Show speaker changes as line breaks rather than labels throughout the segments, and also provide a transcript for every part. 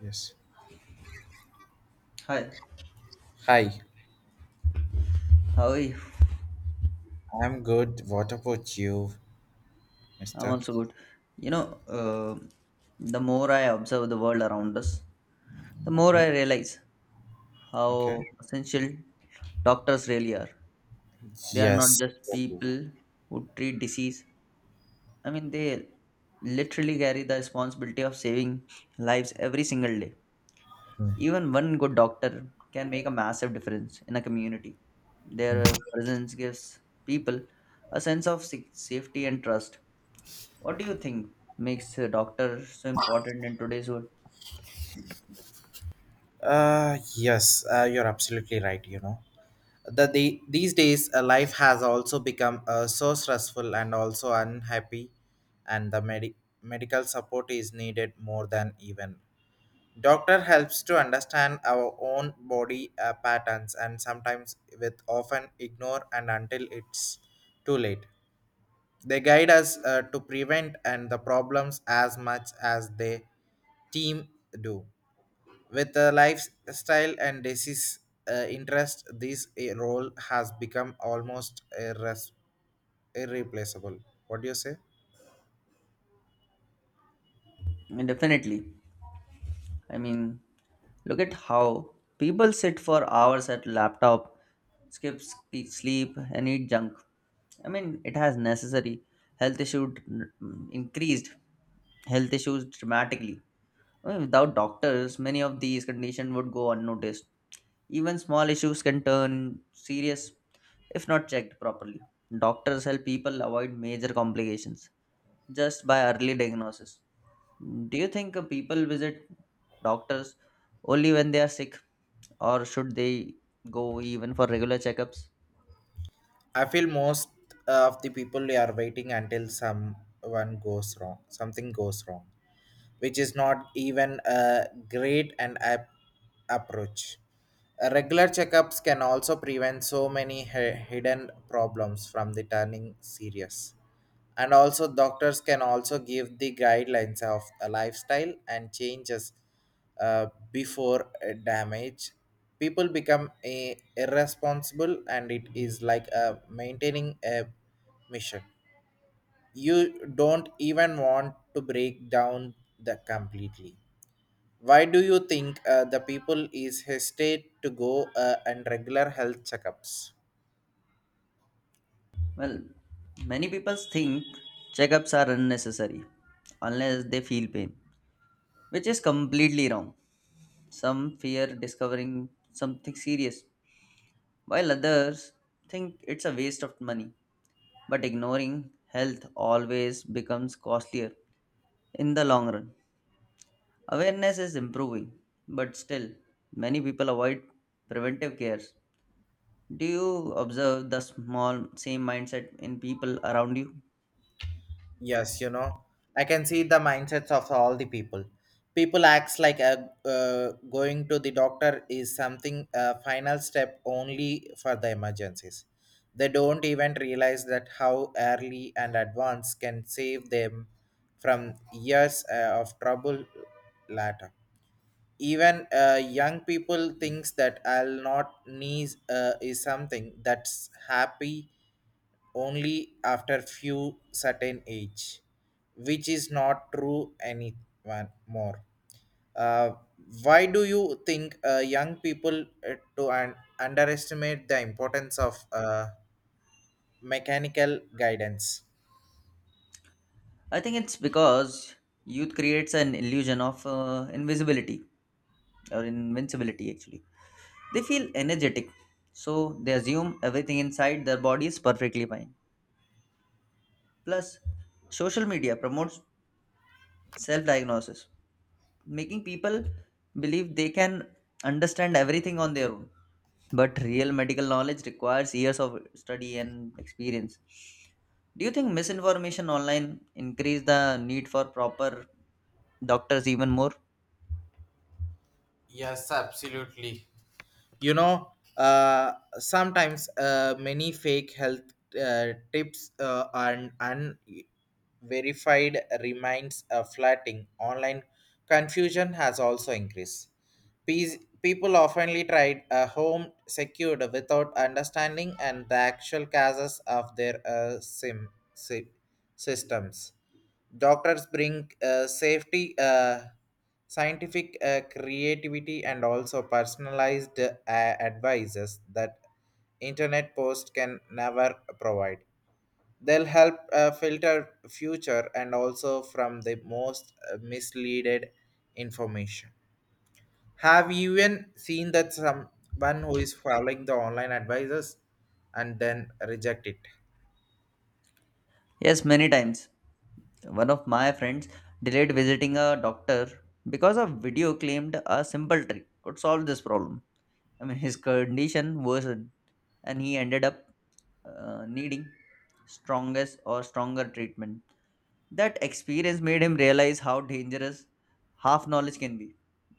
Yes.
Hi,
Hi,
how are you?
I'm good. What about you,
I'm
mister?
also good. You know, uh, the more I observe the world around us, the more I
Okay.
realize
Okay.
how essential doctors really are. They are not
Yes,
just
exactly.
people who treat disease. I mean, they literally carry the responsibility of saving lives every single day. Even one good doctor can make a massive difference in a community. Their presence gives people a sense of safety and trust. What do you think makes a doctor so important in today's world?
Yes, you're absolutely right, you know. The these days life has also become so stressful and also unhappy, and the medical support is needed more than even. Doctor helps to understand our own body patterns, and sometimes with often ignore and until it's too late. They guide us to prevent and the problems as much as they team do. With the lifestyle and disease interest, this role has become almost irreplaceable. What do you say?
And definitely. I mean, look at how people sit for hours at laptop, skip sleep, and eat junk. I mean, it has necessary increased health issues dramatically. I mean, without doctors, many of these conditions would go unnoticed. Even small issues can turn serious if not checked properly. Doctors help people avoid major complications just by early diagnosis. Do you think people visit doctors only when they are sick, or should they go even for regular checkups?
I feel most of the people they are waiting until someone goes wrong, something goes wrong, which is not even a great and approach. Regular checkups can also prevent so many hidden problems from the turning serious. And also, doctors can also give the guidelines of a lifestyle and changes, uh, before damage people become a, irresponsible, and it is like a maintaining a mission you don't even want to break down the completely. Why do you think the people is hesitate to go and regular health checkups?
Well, many people think checkups are unnecessary unless they feel pain, which is completely wrong. Some fear discovering something serious, while others think it's a waste of money. But ignoring health always becomes costlier in the long run. Awareness is improving, but still, many people avoid preventive cares. Do you observe the small same mindset in people around you?
Yes, you know, I can see the mindsets of all the people. People acts like a, going to the doctor is something a final step only for the emergencies. They don't even realize that how early and advanced can save them from years of trouble later. Even young people thinks that I'll not need is something that's happy only after few certain age, which is not true anyone more. Uh, why do you think young people to underestimate the importance of mechanical guidance?
I think it's because youth creates an illusion of invisibility or invincibility actually. They feel energetic, so they assume everything inside their body is perfectly fine. Plus, social media promotes self diagnosis, making people believe they can understand everything on their own. But real medical knowledge requires years of study and experience. Do you think misinformation online increase the need for proper doctors even more?
Yes, absolutely. You know, sometimes many fake health tips and unverified remains flatting online, confusion has also increased. People oftenly tried a home secured without understanding and the actual causes of their sy- systems. Doctors bring safety, scientific creativity, and also personalized advices that internet post can never provide. They'll help filter future and also from the most misleaded information. Have you even seen that someone who is following the online advisors and then reject it?
Yes, many times. One of my friends delayed visiting a doctor because a video claimed a simple trick could solve this problem. I mean, his condition worsened, and he ended up needing strongest or stronger treatment. That experience made him realize how dangerous half knowledge can be.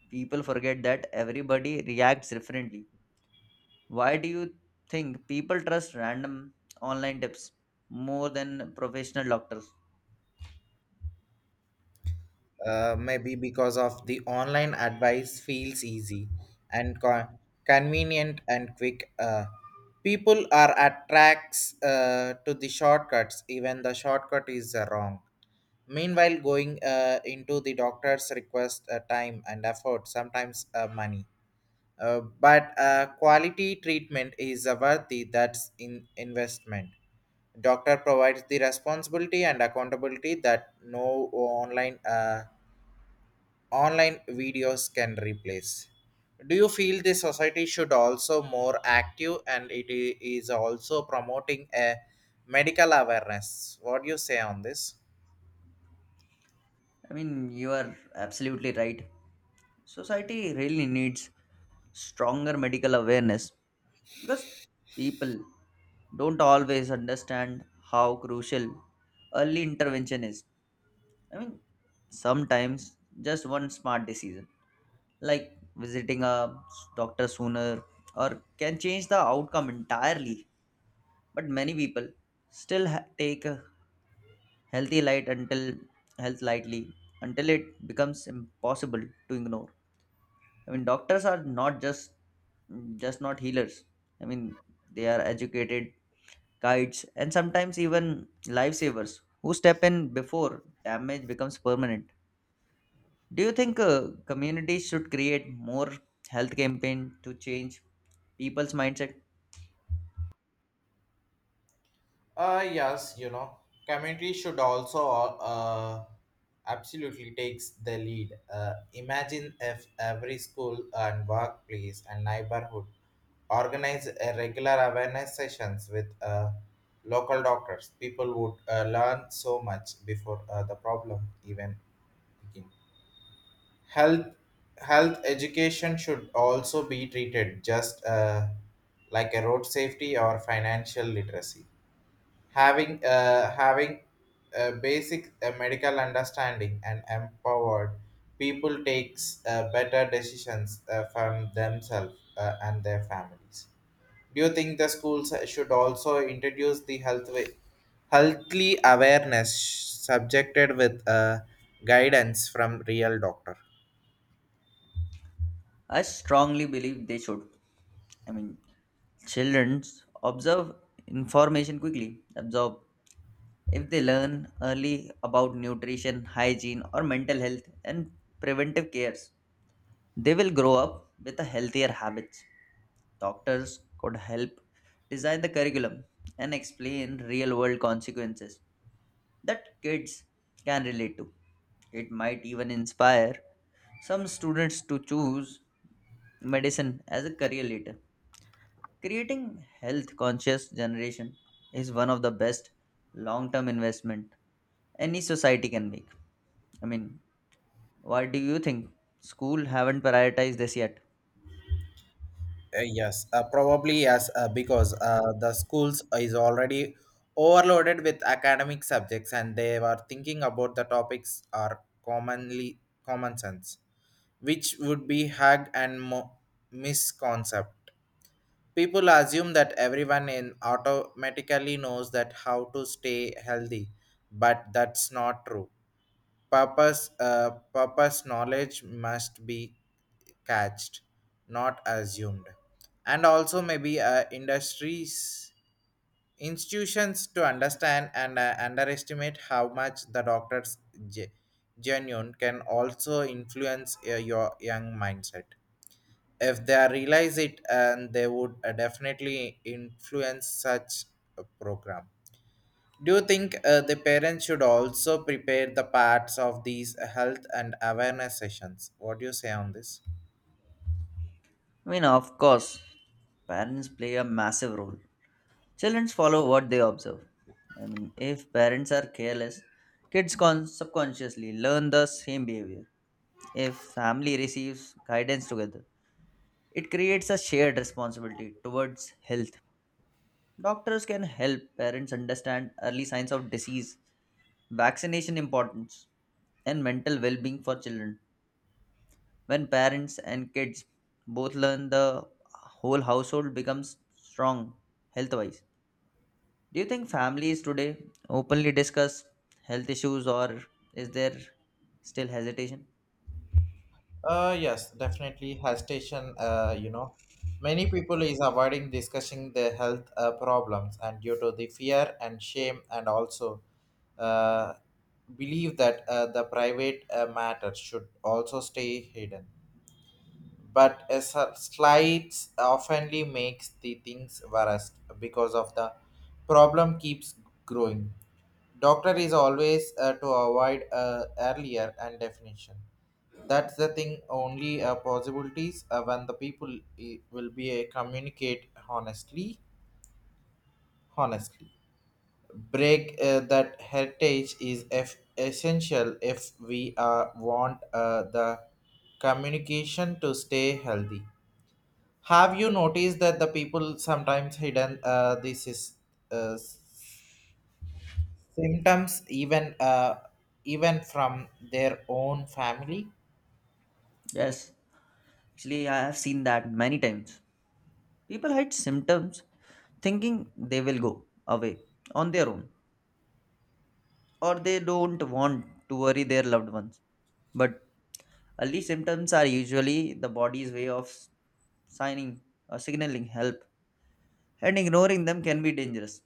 People forget that everybody reacts differently. Why do you think people trust random online tips more than professional doctors?
Maybe because of the online advice feels easy and convenient and quick, people are attracts to the shortcuts even the shortcut is wrong. Meanwhile going into the doctor's request time and effort, sometimes money, but quality treatment is worthy, that's in investment. Doctor provides the responsibility and accountability that no online videos can replace. Do you feel the society should also more active and it is also promoting a medical awareness? What do you say on this?
I mean, you are absolutely right. Society really needs stronger medical awareness because people don't always understand how crucial early intervention is. I mean, sometimes just one smart decision, like visiting a doctor sooner, or can change the outcome entirely. But many people still ha- take a healthy light until health lightly until it becomes impossible to ignore. I mean, doctors are not just just not healers. I mean, they are educated guides, and sometimes even lifesavers who step in before damage becomes permanent. Do you think communities should create more health campaign to change people's mindset?
Yes, you know, commentary should also uh, absolutely takes the lead. Imagine if every school and workplace and neighborhood organize a regular awareness sessions with local doctors. People would learn so much before the problem even begin. Health health education should also be treated just like a road safety or financial literacy, having a basic medical understanding, and empowered people takes better decisions from themselves and their families. Do you think the schools should also introduce the health healthly awareness subjected with guidance from real doctor?
I strongly believe they should. I mean, children observe information quickly, absorb. If they learn early about nutrition, hygiene, or mental health and preventive cares, they will grow up with a healthier habits. Doctors could help design the curriculum and explain real world consequences that kids can relate to. It might even inspire some students to choose medicine as a career later. Creating health conscious generation is one of the best long term investment any society can make. I mean, why do you think school haven't prioritized this yet?
Yes, Probably yes, because the schools is already overloaded with academic subjects, and they were thinking about the topics are commonly common sense, which would be hug and misconcept. People assume that everyone in automatically knows that how to stay healthy, but that's not true. Papa's knowledge must be catched, not assumed, and also maybe industries institutions to understand and underestimate how much the doctor's ge- genuine can also influence your young mindset. If they realize it, and they would definitely influence such a program. Do you think the parents should also prepare the parts of these health and awareness sessions? What do you say on this?
I mean, of course, parents play a massive role. Children follow what they observe. I mean, if parents are careless, kids subconsciously learn the same behavior. If family receives guidance together, it creates a shared responsibility towards health. Doctors can help parents understand early signs of disease, vaccination importance, and mental well-being for children. When parents and kids both learn, the whole household becomes strong health wise. Do you think families today openly discuss health issues or is there still hesitation?
Yes, definitely. Hesitation, you know, many people is avoiding discussing their health problems and due to the fear and shame, and also uh, believe that the private matter should also stay hidden. But a slides oftenly makes the things worse because of the problem keeps growing. Doctor is always to avoid earlier and definition. That's the thing. Only possibilities when the people will be communicate honestly. Honestly, break that heritage is essential if we want the communication to stay healthy. Have you noticed that the people sometimes hidden this is uh, s- symptoms even from their own family?
Yes, actually, I have seen that many times. People hide symptoms thinking they will go away on their own or they don't want to worry their loved ones. But early symptoms are usually the body's way of signing or signaling help and ignoring them can be dangerous.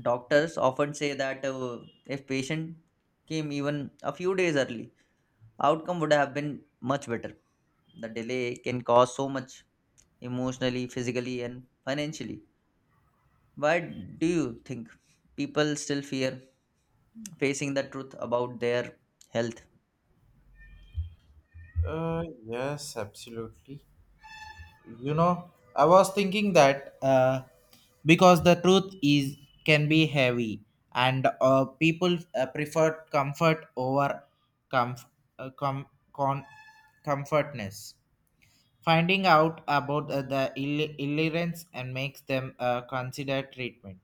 Doctors often say that if patient came even a few days early, outcome would have been much better. The delay can cause so much emotionally, physically, and financially. Why do you think people still fear facing the truth about their health?
Yes, absolutely. You know, I was thinking that because the truth is can be heavy, and people prefer comfort over comf- uh, com- con- comfortness. Finding out about the illiterance and makes them consider treatment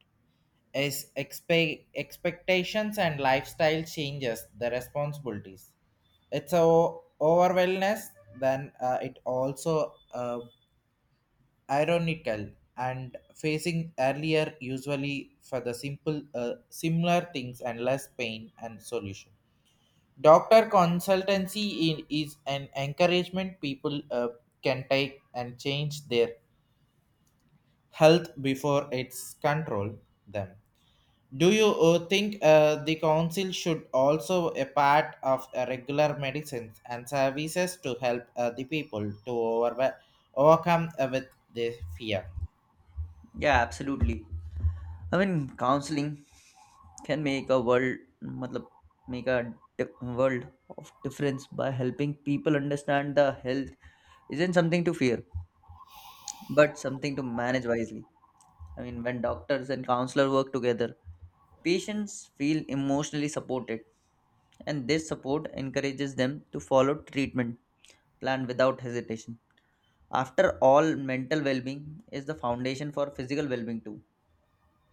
is expectations and lifestyle changes the responsibilities, it's a overwhelmness. Then it also ironical, and facing earlier usually for the simple similar things and less pain and solution. Doctor consultancy in, is an encouragement people can take and change their health before it's control them. Do you think the council should also a part of regular medicines and services to help the people to overcome with the fear?
Yeah, absolutely. I mean, counseling can make a world, matlab, make a world of difference by helping people understand the health isn't something to fear, but something to manage wisely. I mean, when doctors and counselors work together, patients feel emotionally supported, and this support encourages them to follow treatment plan without hesitation. After all, mental well-being is the foundation for physical well-being too.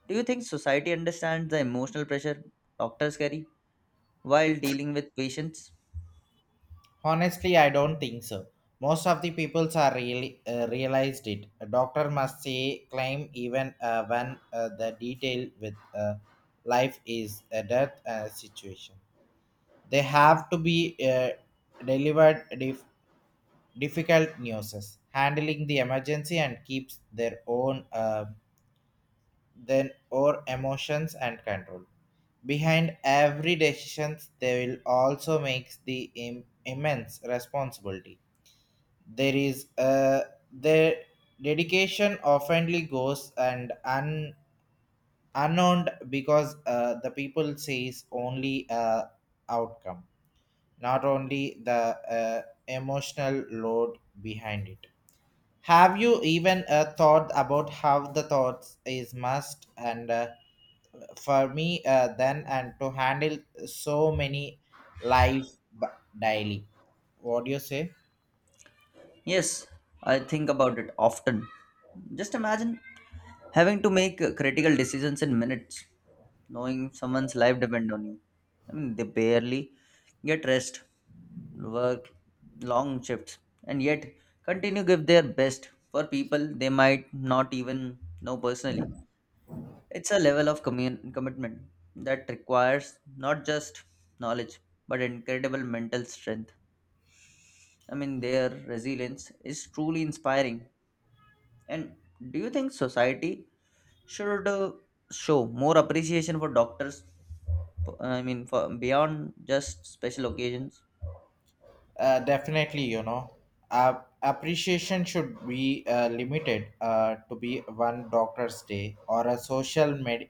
Do you think society understands the emotional pressure doctors carry while dealing with patients?
Honestly, I don't think so. Most of the peoples are really realized it. A doctor must say claim even when the detail with life is a death situation. They have to be delivered difficult news, handling the emergency and keeps their own then or emotions and control. Behind every decision, they will also make the immense responsibility. There is their dedication oftenly goes and unknown because the people sees only outcome, not only the emotional load behind it. Have you even thought about how the thoughts is must and for me then and to handle so many lives daily? What do you say?
Yes, I think about it often. Just imagine having to make critical decisions in minutes, knowing someone's life depend on you. I mean, they barely get rest, work long shifts, and yet continue give their best for people they might not even know personally. It's a level of commitment that requires not just knowledge but incredible mental strength. I mean, their resilience is truly inspiring. And do you think society should show more appreciation for doctors? I mean, for beyond just special occasions.
Definitely, you know, appreciation should be limited to be one doctor's day or a social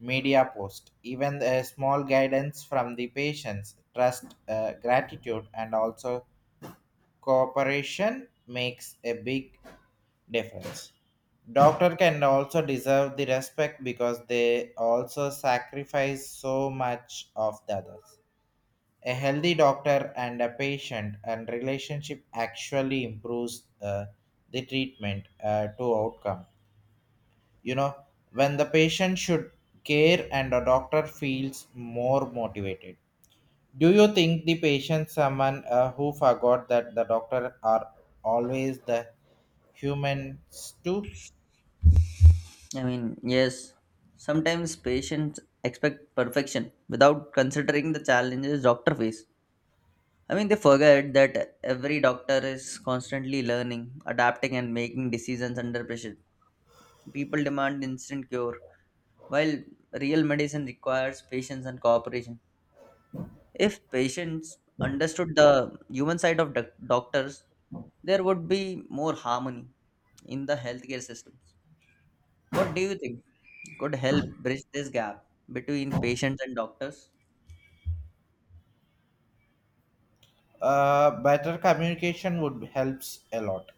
media post. Even a small guidance from the patients, trust, gratitude, and also cooperation makes a big difference. Doctor can also deserve the respect because they also sacrifice so much of the others. A healthy doctor and a patient and relationship actually improves the treatment to outcome. You know, when the patient should care and a doctor feels more motivated. Do you think the patient someone who forgot that the doctor are always the humans too?
I mean, yes, sometimes patients expect perfection without considering the challenges doctor face. I mean, they forget that every doctor is constantly learning, adapting, and making decisions under pressure. People demand instant cure while real medicine requires patience and cooperation. If patients understood the human side of doctors, there would be more harmony in the healthcare systems. What do you think could help bridge this gap between patients and doctors?
Better communication would helps a lot.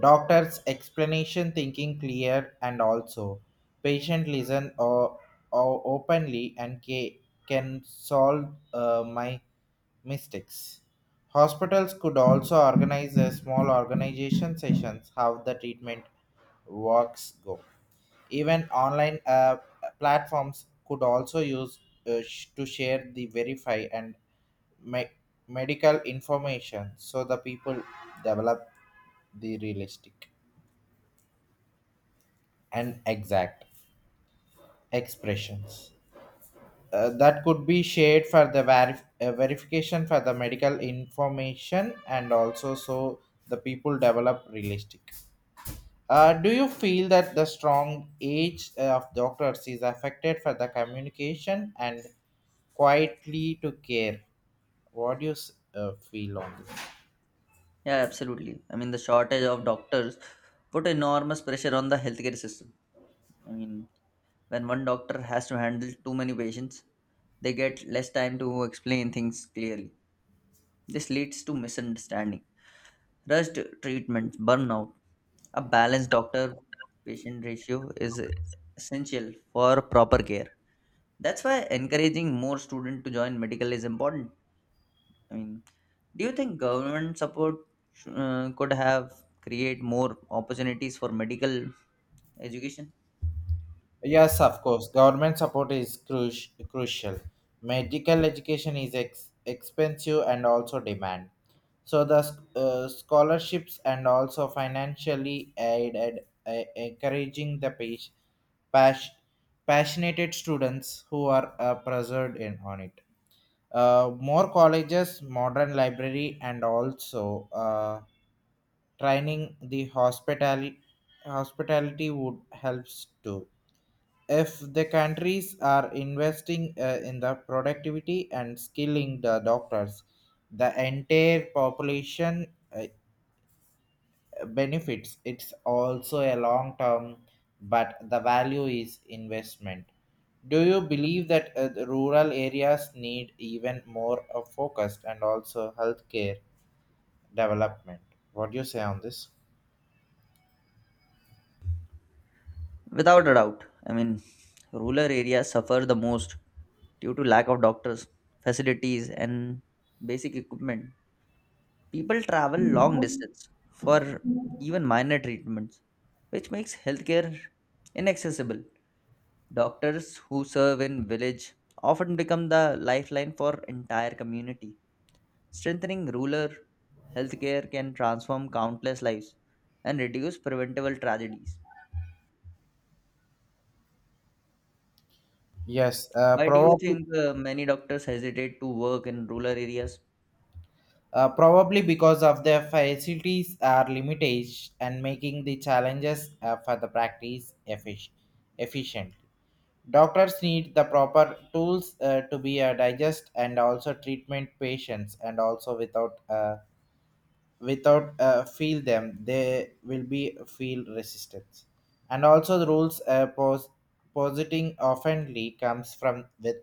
Doctor's explanation thinking clear and also patient listen or openly and can solve my mistakes. Hospitals could also organize a small organization sessions how the treatment works go. Even online platforms could also use to share the verify and me- medical information so the people develop the realistic and exact expressions that could be shared for the verification for the medical information, and also so the people develop realistic. Do you feel that the strong age of doctors is affected for the communication and quietly to care? What do you feel on this?
Yeah, absolutely. I mean, the shortage of doctors put enormous pressure on the healthcare system. I mean, when one doctor has to handle too many patients, they get less time to explain things clearly. This leads to misunderstanding, rushed treatments, burnout. A balanced doctor patient ratio is essential for proper care. That's why encouraging more students to join medical is important. I mean, do you think government support could have create more opportunities for medical education?
Yes, of course. Government support is crucial. Medical education is expensive and also demand. So the scholarships and also financially aided, encouraging the pas- passionate students who are preserved in on it. More colleges, modern library, and also training the hospitality would helps too. If the countries are investing in the productivity and skilling the doctors, the entire population uh, benefits, it's also a long term, but the value is investment. Do you believe that the rural areas need even more focused and also healthcare development? What do you say on this?
Without a doubt. I mean, rural areas suffer the most due to lack of doctors, facilities, and basic equipment. People travel long distance for even minor treatments, which makes healthcare inaccessible. Doctors who serve in village often become the lifeline for entire community. Strengthening rural healthcare can transform countless lives and reduce preventable tragedies.
Yes,
Why do you
probably.
think many doctors hesitate to work in rural areas?
Probably because of their facilities are limited and making the challenges for the practice efficient. Doctors need the proper tools to be digest and also treatment patients, and also without feel them they will be feel resistance, and also the rules positing oftenly comes from with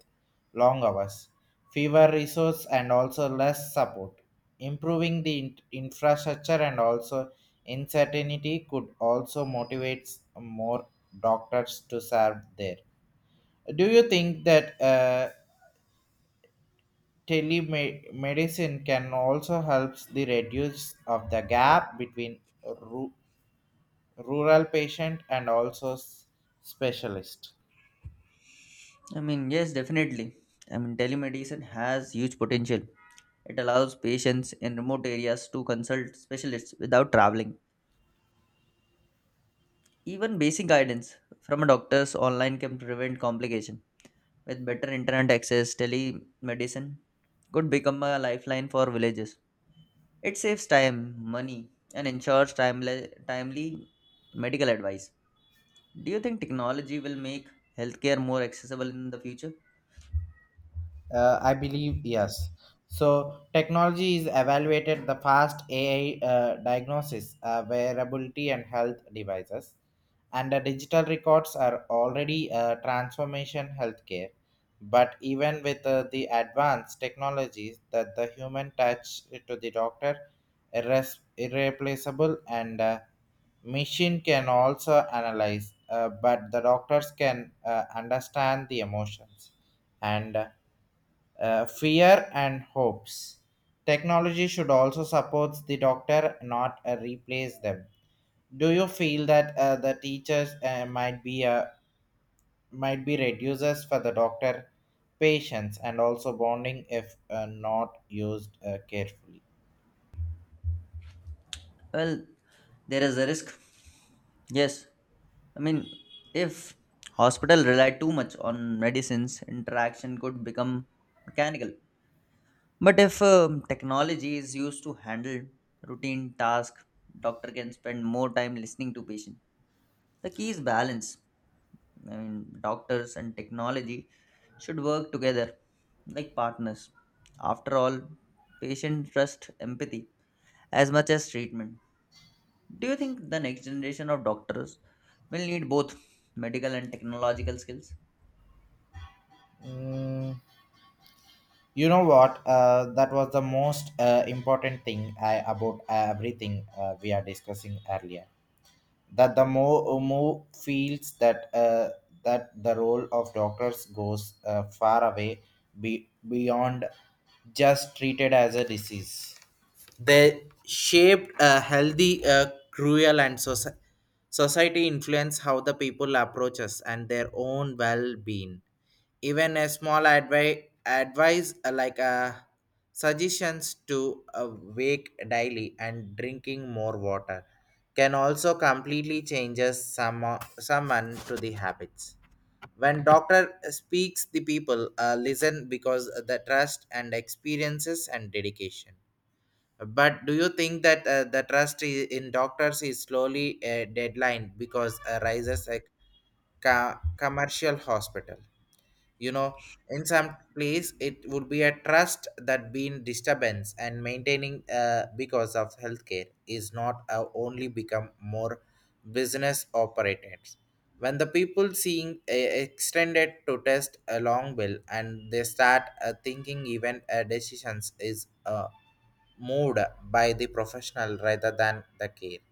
long hours, fewer resource, and also less support. Improving the infrastructure and also uncertainty could also motivate more doctors to serve there. Do you think that telemedicine can also help the reduce of the gap between ru- rural patient and also specialist?
I mean, yes, definitely. I mean, telemedicine has huge potential. It allows patients in remote areas to consult specialists without traveling. Even basic guidance from a doctor's online can prevent complication. With better internet access, telemedicine could become a lifeline for villages. It saves time, money, and ensures timely medical advice. Do you think technology will make healthcare more accessible in the future?
I believe yes. So technology is evaluated the fast AI diagnosis, wearability, and health devices, and the digital records are already transformation healthcare. But even with the advanced technologies, that the human touch to the doctor irreplaceable, and machine can also analyze, but the doctors can understand the emotions and fear and hopes. Technology should also support the doctor, not replace them. Do you feel that the teachers might be reducers for the doctor patients and also bonding if not used carefully?
Well, there is a risk. Yes, I mean, if hospital rely too much on medicines, interaction could become mechanical. But if technology is used to handle routine tasks, doctor can spend more time listening to patient. The key is balance. I mean, doctors and technology should work together like partners. After all, patient trust empathy as much as treatment. Do you think the next generation of doctors will need both medical and technological skills?
Mm, you know what? That was the most important thing I, about everything we are discussing earlier. That the more feels that that the role of doctors goes far away beyond just treated as a disease. They shaped a healthy cruel and society, influence how the people approach us and their own well-being. Even a small advice suggestions to awake daily and drinking more water can also completely changes some, someone to the habits. When doctor speaks, the people listen because the trust and experiences and dedication. But do you think that the trust in doctors is slowly a deadline because rises a commercial hospital? You know, in some place it would be a trust that being disturbance and maintaining because of healthcare is not only become more business operators. When the people seeing a extended to test a long bill, and they start thinking even decisions is moved by the professional rather than the care.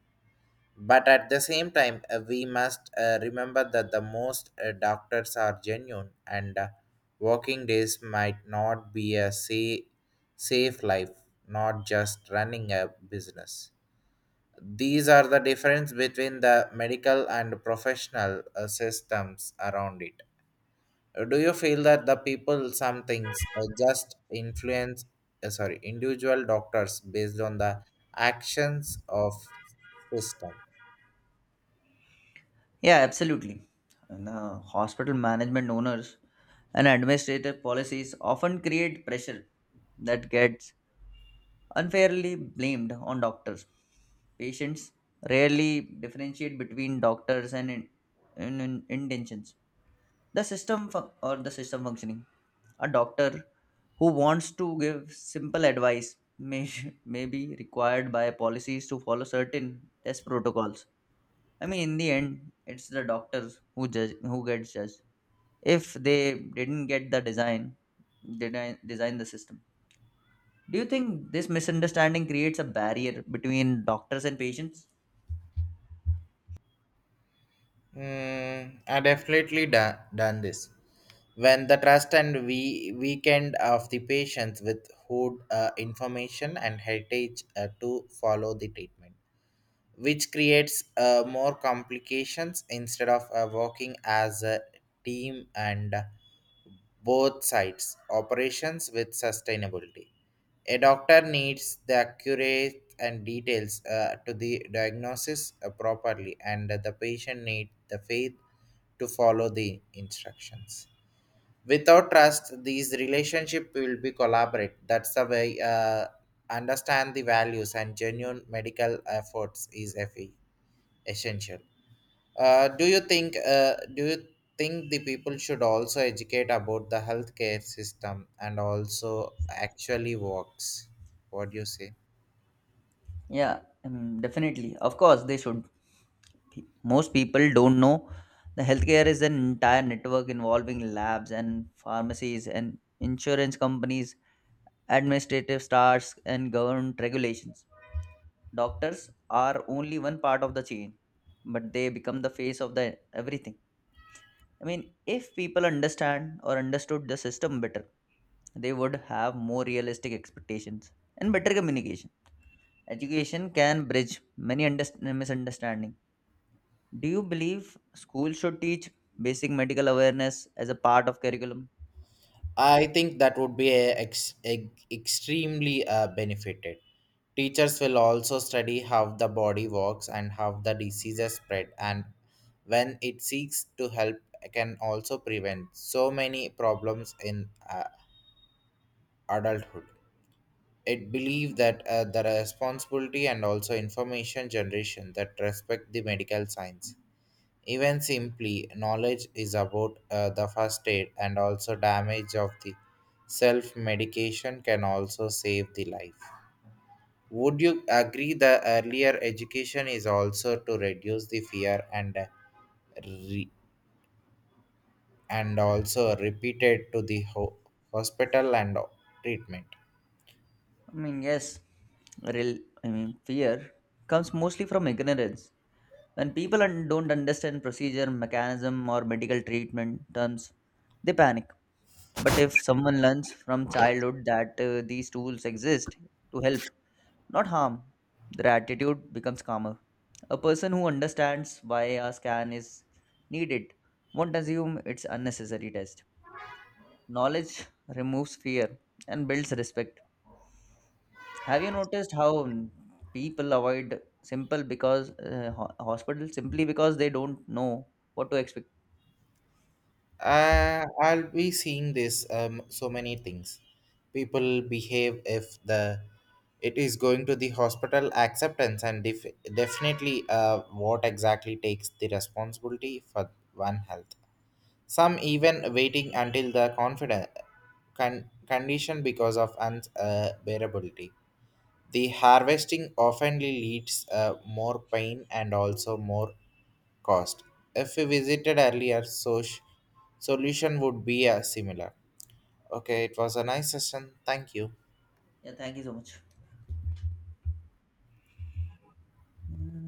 But at the same time, we must remember that the most doctors are genuine, and working days might not be a safe life, not just running a business. These are the difference between the medical and professional systems around it. Do you feel that the people, some things, just influence, sorry, individual doctors based on the actions of system?
Yeah, absolutely. And hospital management owners and administrative policies often create pressure that gets unfairly blamed on doctors. Patients rarely differentiate between doctors and intentions. The system functioning. A doctor who wants to give simple advice may be required by policies to follow certain test protocols. I mean, in the end, it's the doctors who judge who gets judged if they didn't get the design the system. Do you think this misunderstanding creates a barrier between doctors and patients?
Mm, I definitely done this. When the trust and we weekend of the patients with who information and heritage to follow the treatment, which creates more complications instead of working as a team, and both sides operations with sustainability. A doctor needs the accurate and details to the diagnosis properly, and the patient needs the faith to follow the instructions. Without trust, these relationship will be collaborate. That's the way. Understand the values and genuine medical efforts is essential. Do you think the people should also educate about the healthcare system and also actually works? What do you say?
Yeah, I mean definitely, of course they should. Most people don't know the healthcare is an entire network involving labs and pharmacies and insurance companies, administrative staffs and government regulations. Doctors are only one part of the chain but they become the face of the everything. I mean, if people understand or understood the system better, they would have more realistic expectations and better communication. Education can bridge many misunderstandings. Do you believe school should teach basic medical awareness as a part of curriculum?
I think that would be a extremely benefited. Teachers will also study how the body works and how the diseases spread, and when it seeks to help, can also prevent so many problems in adulthood. It believe that the responsibility and also information generation that respect the medical science. Even simply knowledge is about the first aid and also damage of the self medication can also save the life. Would you agree the earlier education is also to reduce the fear and re- and also repeated to the hospital and treatment?
I mean, yes, real I mean fear comes mostly from ignorance. When people don't understand procedure mechanism or medical treatment terms, they panic. But if someone learns from childhood that these tools exist to help, not harm, their attitude becomes calmer. A person who understands why a scan is needed won't assume it's unnecessary test. Knowledge removes fear and builds respect. Have you noticed how people avoid simple hospital simply because they don't know what to expect?
I'll be seeing this so many things. People behave if the it is going to the hospital acceptance and definitely what exactly takes the responsibility for one health. Some even waiting until the confident condition because of unbearability. The harvesting often leads more pain and also more cost. If we visited earlier, so solution would be similar. Okay, it was a nice session. Thank you.
Yeah, thank you so much.